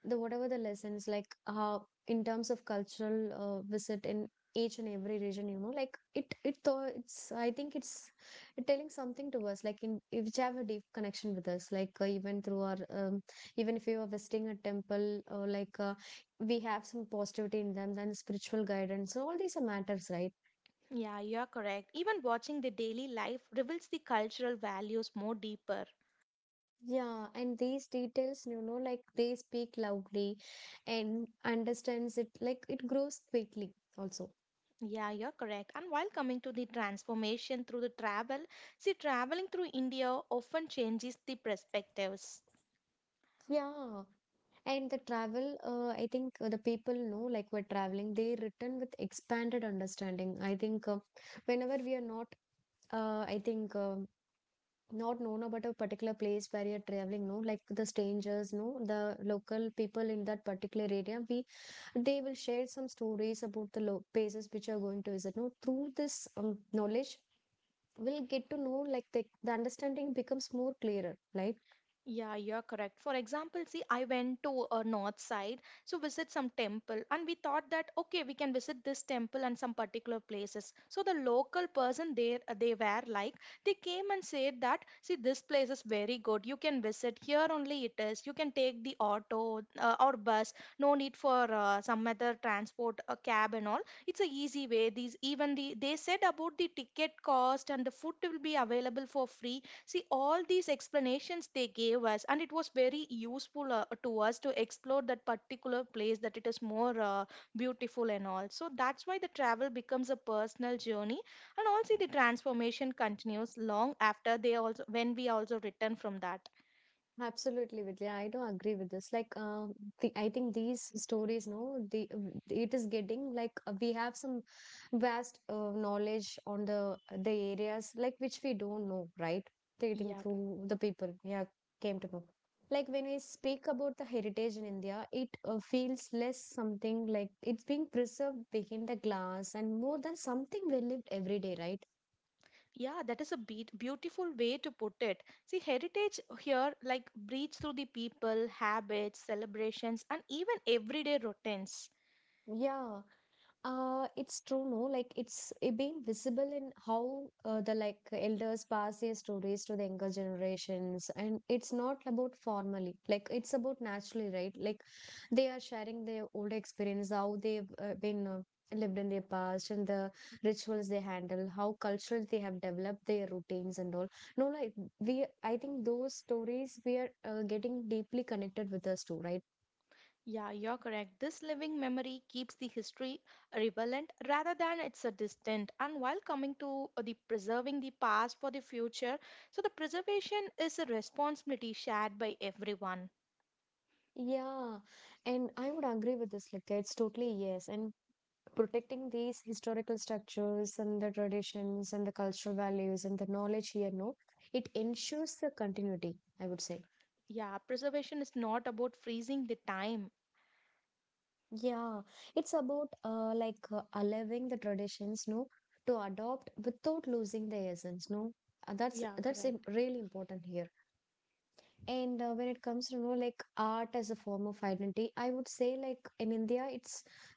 the whatever the lessons, like how in terms of cultural visit in each and every region, you know, like it though it's I think it's it telling something to us, like in which have a deep connection with us, like even through our even if you are visiting a temple, or like we have some positivity in them, then spiritual guidance. So all these are matters, right? Yeah, you're correct. Even watching the daily life reveals the cultural values more deeper. Yeah, and these details, you know, like they speak loudly and understands it, like it grows quickly also. Yeah, you're correct. And while coming to the transformation through the travel, see, traveling through India often changes the perspectives. Yeah, and the travel, I think the people know, like we're traveling, they return with expanded understanding. I think whenever we are not, I think not known about a particular place where you're traveling, no, like the strangers, no, the local people in that particular area we they will share some stories about the places which you're going to visit, no, through this knowledge we'll get to know, like the understanding becomes more clearer, right? Yeah, you're correct. For example, see, I went to a north side to visit some temple, and we thought that okay, we can visit this temple and some particular places. So the local person there, they were like, they came and said that, see, this place is very good. You can visit here only. It is. You can take the auto or bus. No need for some other transport, a cab and all. It's a easy way. These even the they said about the ticket cost and the food will be available for free. See, all these explanations they gave us, and it was very useful to us to explore that particular place that it is more beautiful and all. So that's why the travel becomes a personal journey, and also the transformation continues long after they also when we also return from that. Absolutely, Vidya. I do agree with this. Like, the, I think these stories, no, the it is getting like, we have some vast knowledge on the areas like which we don't know, right? Getting Yeah, through the people, yeah, came to know. Like when we speak about the heritage in India, it feels less something like it's being preserved behind the glass and more than something we lived every day, right? yeah, that is a beautiful way to put it. See, heritage here like breathes through the people, habits, celebrations, and even everyday routines. Yeah. It's true, no? Like it's it being visible in how the like elders pass their stories to the younger generations, and it's not about formally, like it's about naturally, right? Like they are sharing their old experience, how they've been lived in their past, and the rituals they handle, how cultural they have developed their routines and all. No, like we, I think those stories we are getting deeply connected with us too, right? Yeah, you're correct. This living memory keeps the history relevant rather than it's a distant. And while coming to the preserving the past for the future, so the preservation is a responsibility shared by everyone. Yeah, and I would agree with this, like it's totally yes, and protecting these historical structures and the traditions and the cultural values and the knowledge here, no, it ensures the continuity, I would say. Yeah, preservation is not about freezing the time. Yeah, it's about like allowing the traditions, no, to adopt without losing the essence, no. That's Yeah, that's correct. really important here. And when it comes to, you know, like art as a form of identity, I would say like in India it's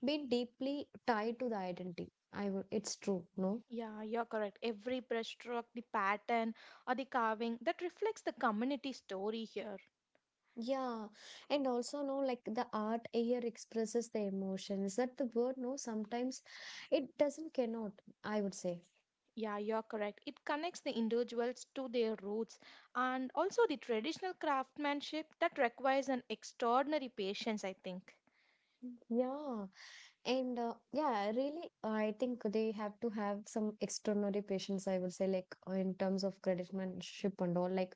been deeply tied to the identity. I would, it's true, no. Yeah, you're correct. Every brushstroke, the pattern, or the carving that reflects the community story here. Yeah, and also no, like the art here expresses the emotions that the word, no, sometimes it doesn't cannot, I would say. Yeah, you're correct. It connects the individuals to their roots and also the traditional craftsmanship that requires an extraordinary patience, I think. Yeah, and yeah, really, I think they have to have some extraordinary patience, I would say, like in terms of craftsmanship and all. Like,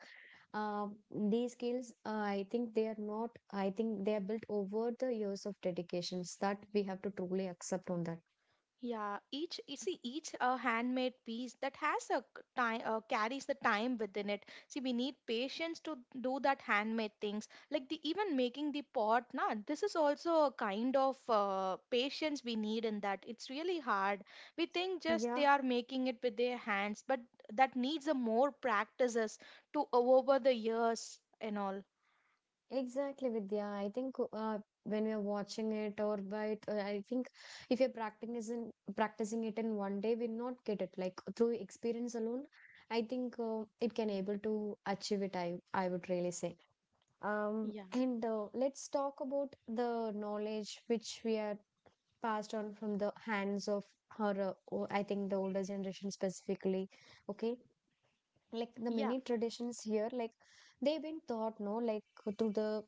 uh, these skills, I think they are not, I think they are built over the years of dedications that we have to truly accept on that. Yeah, each you see each handmade piece that has a time carries the time within it. See, we need patience to do that handmade things. Like the even making the pot, nah, this is also a kind of patience we need in that. It's really hard. We think just Yeah. they are making it with their hands, but that needs a more practices to over the years and all. Exactly, Vidya. I think when we are watching it or by it, I think if you're practicing is in practicing it in one day, we'll not get it. Like through experience alone, I think it can able to achieve it. I would really say. Yeah, And let's talk about the knowledge which we are passed on from the hands of her. I think the older generation specifically. Okay, like the yeah, many traditions here, like they've been taught, no, like to the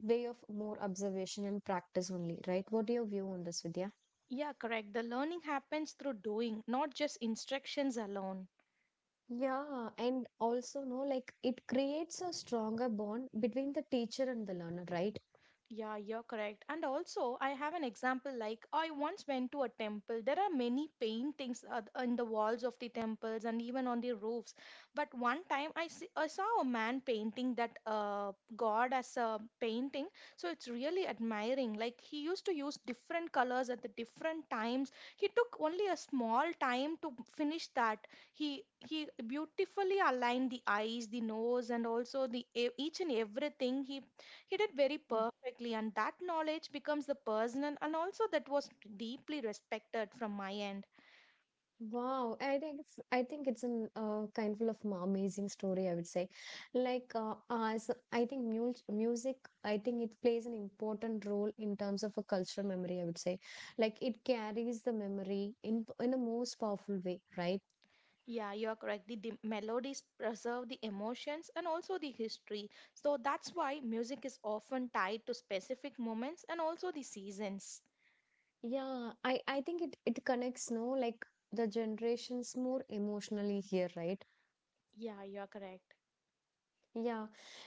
way of more observation and practice only, right? What your view on this, Vidya? yeah, correct. The learning happens through doing, not just instructions alone. Yeah, and also no, like it creates a stronger bond between the teacher and the learner, right? Yeah, you're correct. And also, I have an example like I once went to a temple. There are many paintings in the walls of the temples and even on the roofs. But one time see, I saw a man painting that God as a painting. So it's really admiring. Like he used to use different colors at the different times. He took only a small time to finish that. He beautifully aligned the eyes, the nose, and also the each and everything. He did very Mm. perfectly, and that knowledge becomes the personal and also that was deeply respected from my end. Wow, I think it's an kind of amazing story. I would say, like as I think music, I think it plays an important role in terms of a cultural memory. I would say, like it carries the memory in a most powerful way, right? Yeah, you are correct. The melodies preserve the emotions and also the history. So that's why music is often tied to specific moments and also the seasons. Yeah, I think it it connects, no, like the generations more emotionally here, right? Yeah, you are correct. Yeah,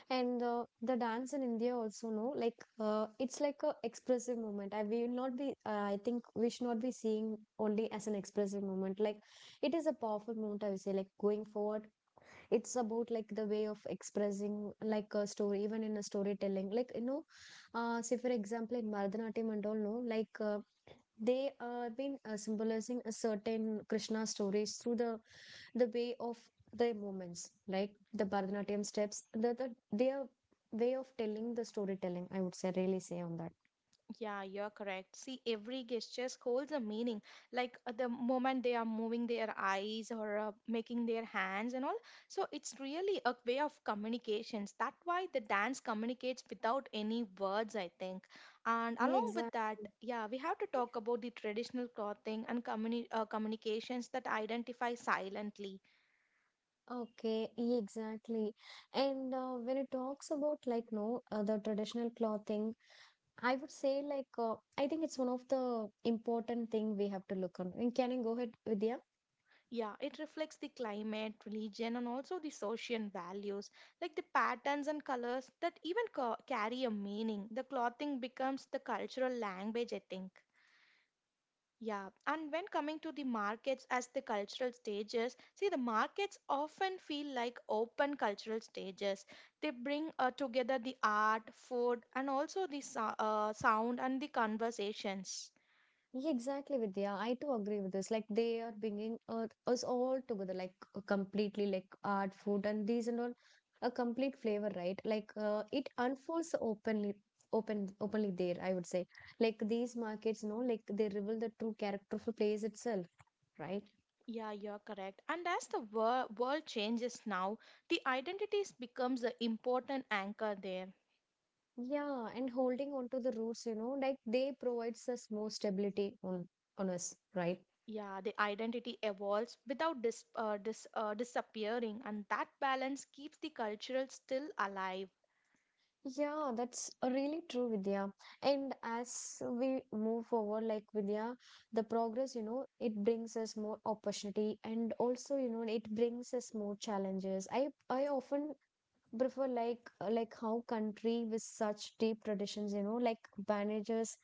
and the dance in India also, no, like it's like a expressive moment. I will not be. I think we should not be seeing only as an expressive moment. Like it is a powerful moment. I would say, like going forward, it's about like the way of expressing like a story, even in a storytelling. Like, you know, say for example in Bharatanatyam and all, no, like. They been symbolizing a certain Krishna stories through the way of their movements, like the Bharatanatyam steps, the their way of telling the storytelling, I would say, really say on that. Yeah, you're correct. See, every gesture holds a meaning. Like the moment they are moving their eyes or making their hands and all. So it's really a way of communications. That's why the dance communicates without any words, I think. And Yeah, along with exactly. that, yeah, we have to talk about the traditional clothing and communications that identify silently. Okay, yeah, exactly. And when it talks about like, no, the traditional clothing, I would say like I think it's one of the important thing we have to look on. Can you go ahead, Vidya? Yeah, it reflects the climate, religion, and also the social values, like the patterns and colors that even carry a meaning. The clothing becomes the cultural language, I think. Yeah, and when coming to the markets as the cultural stages, see the markets often feel like open cultural stages. They bring together the art, food, and also the sound and the conversations. Yeah, exactly, Vidya. I too agree with this. Like they are bringing us all together, like completely, like art, food, and these and all, a complete flavor, right? Like it unfolds openly, openly there. I would say, like these markets, no, like they reveal the true character of a place itself, right? Yeah, you're correct. And as the world changes now, the identities becomes an important anchor there. Yeah, and holding on to the roots, you know, like they provides us more stability on us, right? Yeah, the identity evolves without disappearing, and that balance keeps the cultural still alive. Yeah, that's really true, Vidya. And as we move forward, like Vidya, the progress, you know, it brings us more opportunity and also, you know, it brings us more challenges. I often prefer like how country with such deep traditions, you know, like manages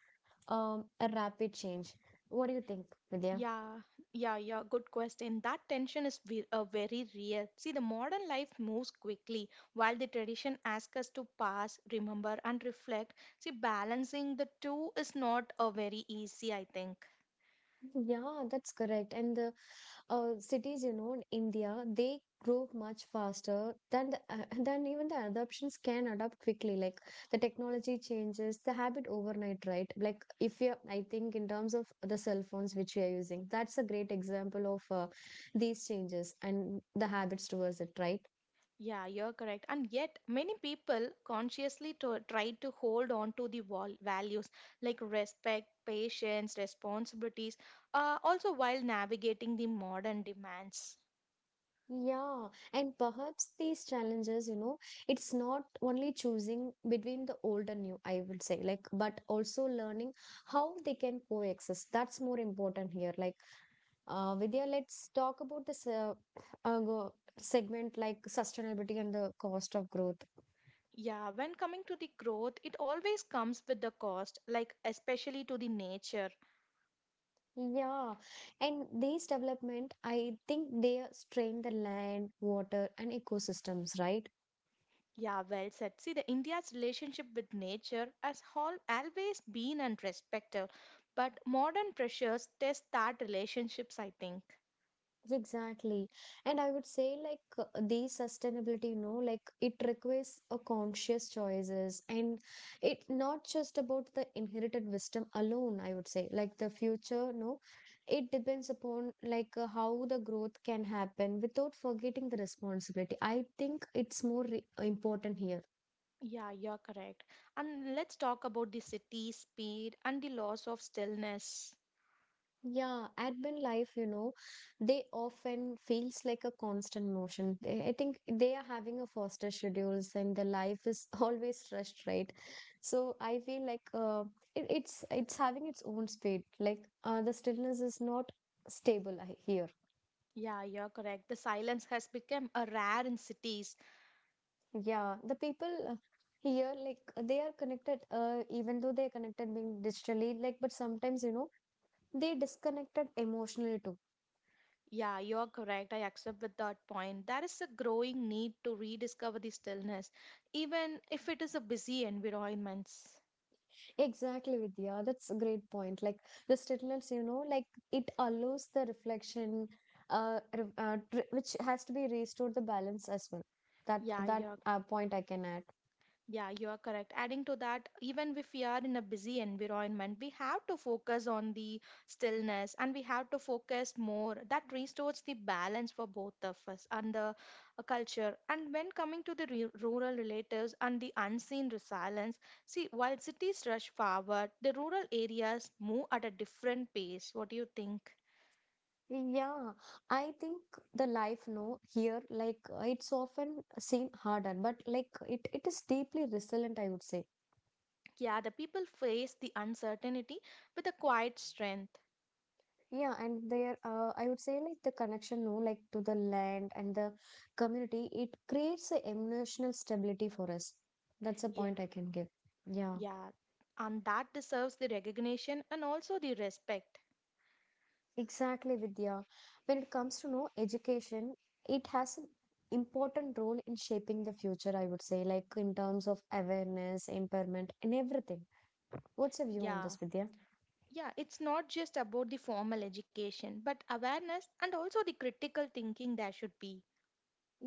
a rapid change. What do you think, Vidya? Yeah, yeah, yeah, good question. That tension is very real. See, the modern life moves quickly, while the tradition asks us to pass, remember, and reflect. See, balancing the two is not a very easy, I think. Yeah, that's correct. And the cities, you know, in India, they grow much faster than the, (laughs) than even the adoptions can adapt quickly. Like the technology changes the habit overnight, right? Like if you, I think in terms of the cell phones which we are using, that's a great example of these changes and the habits towards it, right? Yeah, you're correct. And yet, many people consciously to, try to hold on to the val values like respect, patience, responsibilities, also while navigating the modern demands. Yeah, and perhaps these challenges, you know, it's not only choosing between the old and new, I would say, like, but also learning how they can coexist. That's more important here. Like Vidya, let's talk about this segment like sustainability and the cost of growth. Yeah, when coming to the growth, it always comes with the cost, like especially to the nature. Yeah, and these development, I think they strain the land, water, and ecosystems, right? Yeah, well said. See, the India's relationship with nature has al always been and respected, but modern pressures test that relationships, I think. Exactly. And I would say like the sustainability, you know, like it requires a conscious choices and it not just about the inherited wisdom alone, I would say. Like the future, no, it depends upon like how the growth can happen without forgetting the responsibility. I think it's more re important here. Yeah, you're correct. And let's talk about the city speed and the loss of stillness. Yeah, urban life, you know, they often feels like a constant motion. I think they are having a faster schedules and the life is (laughs) always rushed, right? So I feel like it's having its own speed. Like the stillness is not stable here. Yeah, you're correct. The silence has become a rare in cities. Yeah, the people here like they are connected. Even though they are connected being digitally, like but sometimes, you know, they disconnected emotionally too. Yeah, you're correct. I accept with that point. There is a growing need to rediscover the stillness, even if it is a busy environments. Exactly, Vidya. That's a great point. Like the stillness, you know, like it allows the reflection, re- tr which has to be restored the balance as well. That Yeah, that you're uh, point I can add. Yeah, you are correct. Adding to that, even if we are in a busy environment, we have to focus on the stillness and we have to focus more. That restores the balance for both of us and the culture. And when coming to the rural relatives and the unseen resilience, see, while cities rush forward, the rural areas move at a different pace. What do you think? Yeah, I think the life, no, here, like it's often seen harder, but like it is deeply resilient, I would say. Yeah, the people face the uncertainty with a quiet strength. Yeah, and there, I would say like the connection, no, like to the land and the community, it creates a emotional stability for us. That's a Yeah. point I can give. Yeah, Yeah, and that deserves the recognition and also the respect. exactly, Vidya. When it comes to no education, it has an important role in shaping the future, I would say, like in terms of awareness, empowerment, and everything. What's your view on Yeah, this, Vidya? yeah, it's not just about the formal education, but awareness and also the critical thinking there should be.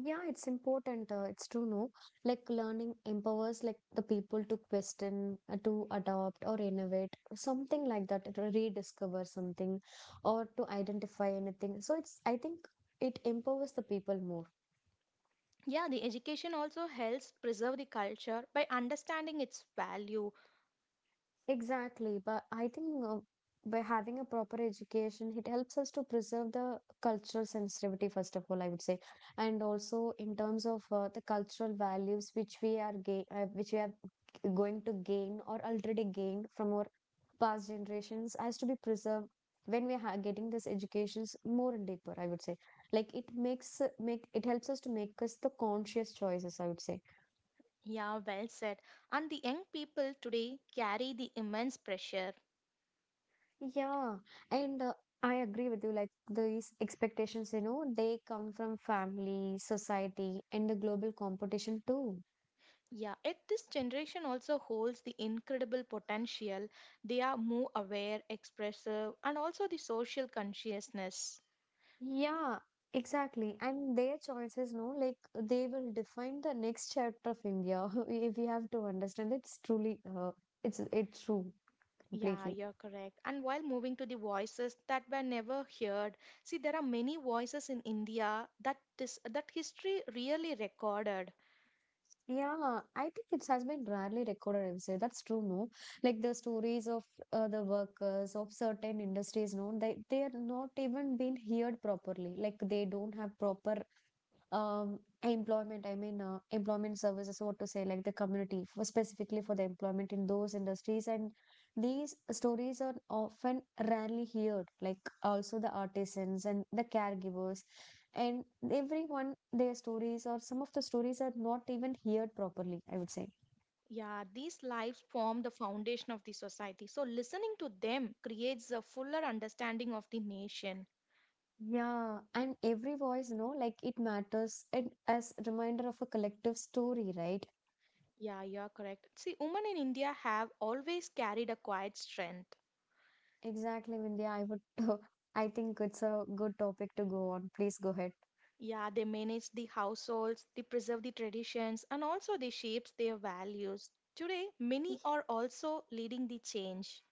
Yeah, it's important. It's true, no? Like learning empowers like the people to question, to adopt or innovate, something like that, to rediscover something or to identify anything. So it's, I think it empowers the people more. Yeah, the education also helps preserve the culture by understanding its value. Exactly, but I think by having a proper education, it helps us to preserve the cultural sensitivity, first of all, I would say, and also in terms of the cultural values which we are which we are going to gain or already gained from our past generations has to be preserved when we are getting this educations more and deeper, I would say. Like it makes make it helps us to make us the conscious choices, I would say. Yeah, well said. And the young people today carry the immense pressure. Yeah, and I agree with you. Like these expectations, you know, they come from family, society, and the global competition too. Yeah, it. This generation also holds the incredible potential. They are more aware, expressive, and also the social consciousness. Yeah, exactly. And their choices, no, like they will define the next chapter of India. (laughs) If we have to understand, it's truly, it's true Yeah, completely. you're correct. And while moving to the voices that were never heard, see, there are many voices in India that that history really recorded. Yeah, I think it has been rarely recorded, I would say. That's true, no? Like the stories of the workers of certain industries, no, they are not even being heard properly. Like they don't have proper employment, I mean, employment services, what to say, like the community for specifically for the employment in those industries, and these stories are often rarely heard, like also the artisans and the caregivers and everyone, their stories or some of the stories are not even heard properly, I would say. Yeah, these lives form the foundation of the society. So listening to them creates a fuller understanding of the nation. Yeah, and every voice, you know, like it matters and as reminder of a collective story, right? Yeah, you're correct. See, women in India have always carried a quiet strength. Exactly, Vindhya. I would (laughs) I think it's a good topic to go on, please go ahead. Yeah, they manage the households, they preserve the traditions, and also they shapes their values. Today, many are also leading the change.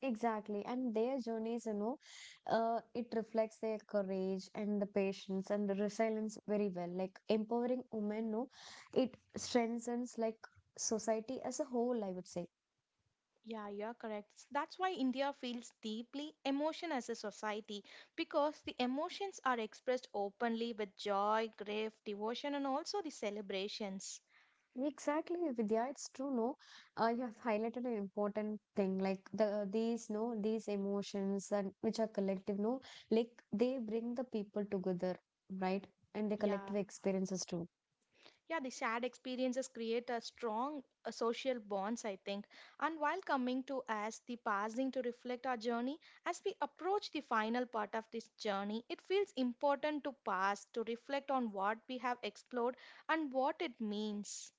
Exactly. And their journeys, you know, it reflects their courage and the patience and the resilience very well. Like empowering women, no, it strengthens like society as a whole, I would say. Yeah, you're correct. That's why India feels deeply emotion as a society because the emotions are expressed openly with joy, grief, devotion, and also the celebrations. Exactly, Vidya, it's true, no. You have highlighted an important thing, like the these, no, these emotions and which are collective, no, like they bring the people together, right? And the Yeah. collective experiences too. Yeah, the shared experiences create a strong social bonds, I think. And while coming to us, the passing to reflect our journey, as we approach the final part of this journey, it feels important to pass, to reflect on what we have explored and what it means.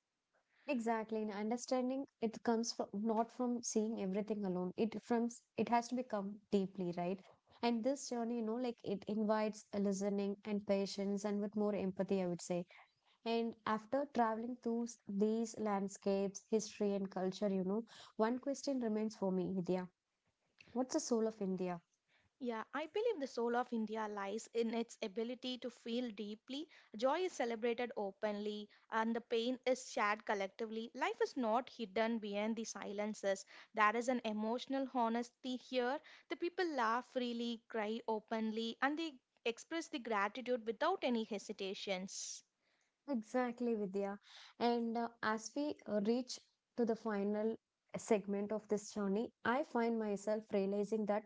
Exactly, and understanding it comes from not from seeing everything alone. It from it has to become deeply right, and this journey, you know, like it invites a listening and patience, and with more empathy, I would say. And after traveling through these landscapes, history, and culture, you know, one question remains for me, Vidya: what's the soul of India? Yeah, I believe the soul of India lies in its ability to feel deeply. Joy is celebrated openly and the pain is shared collectively. Life is not hidden behind the silences. There is an emotional honesty here. The people laugh freely, cry openly, and they express the gratitude without any hesitations. Exactly, Vidya. And as we reach to the final segment of this journey, I find myself realizing that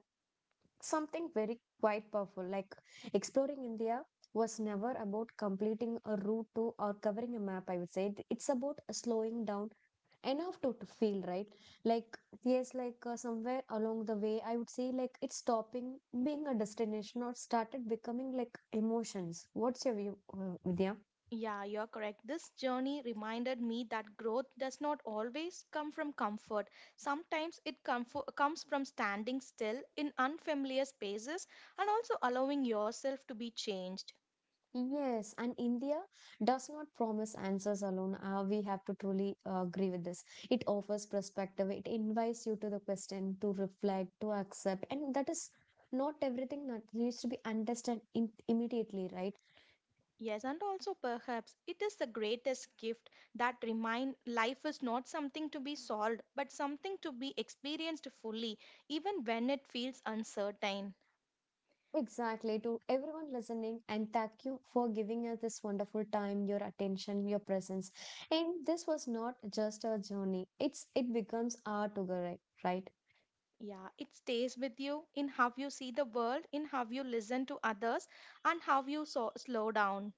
something very quite powerful. Like exploring India was never about completing a route to or covering a map, I would say. It's about slowing down enough to feel, right? Like, yes, like somewhere along the way, I would say like it's stopping being a destination or started becoming like emotions. What's your view, Vidya? Yeah, you're correct. This journey reminded me that growth does not always come from comfort. Sometimes it comes from standing still in unfamiliar spaces and also allowing yourself to be changed. Yes, and India does not promise answers alone. We have to truly agree with this. It offers perspective, it invites you to the question, to reflect, to accept, and that is not everything that needs to be understood in immediately, right? Yes, and also perhaps it is the greatest gift that remind life is not something to be solved, but something to be experienced fully, even when it feels uncertain. Exactly. To everyone listening, and thank you for giving us this wonderful time, your attention, your presence. And this was not just a journey; it becomes our together, right? Yeah, it stays with you in how you see the world, in how you listen to others, and how you so slow down.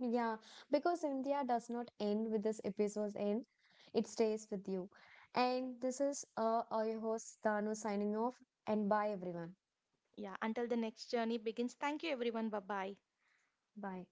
Yeah, because India does not end with this episode's end, it stays with you. And this is your host Danu signing off, and bye everyone. Yeah, until the next journey begins. Thank you, everyone. Bye bye. Bye.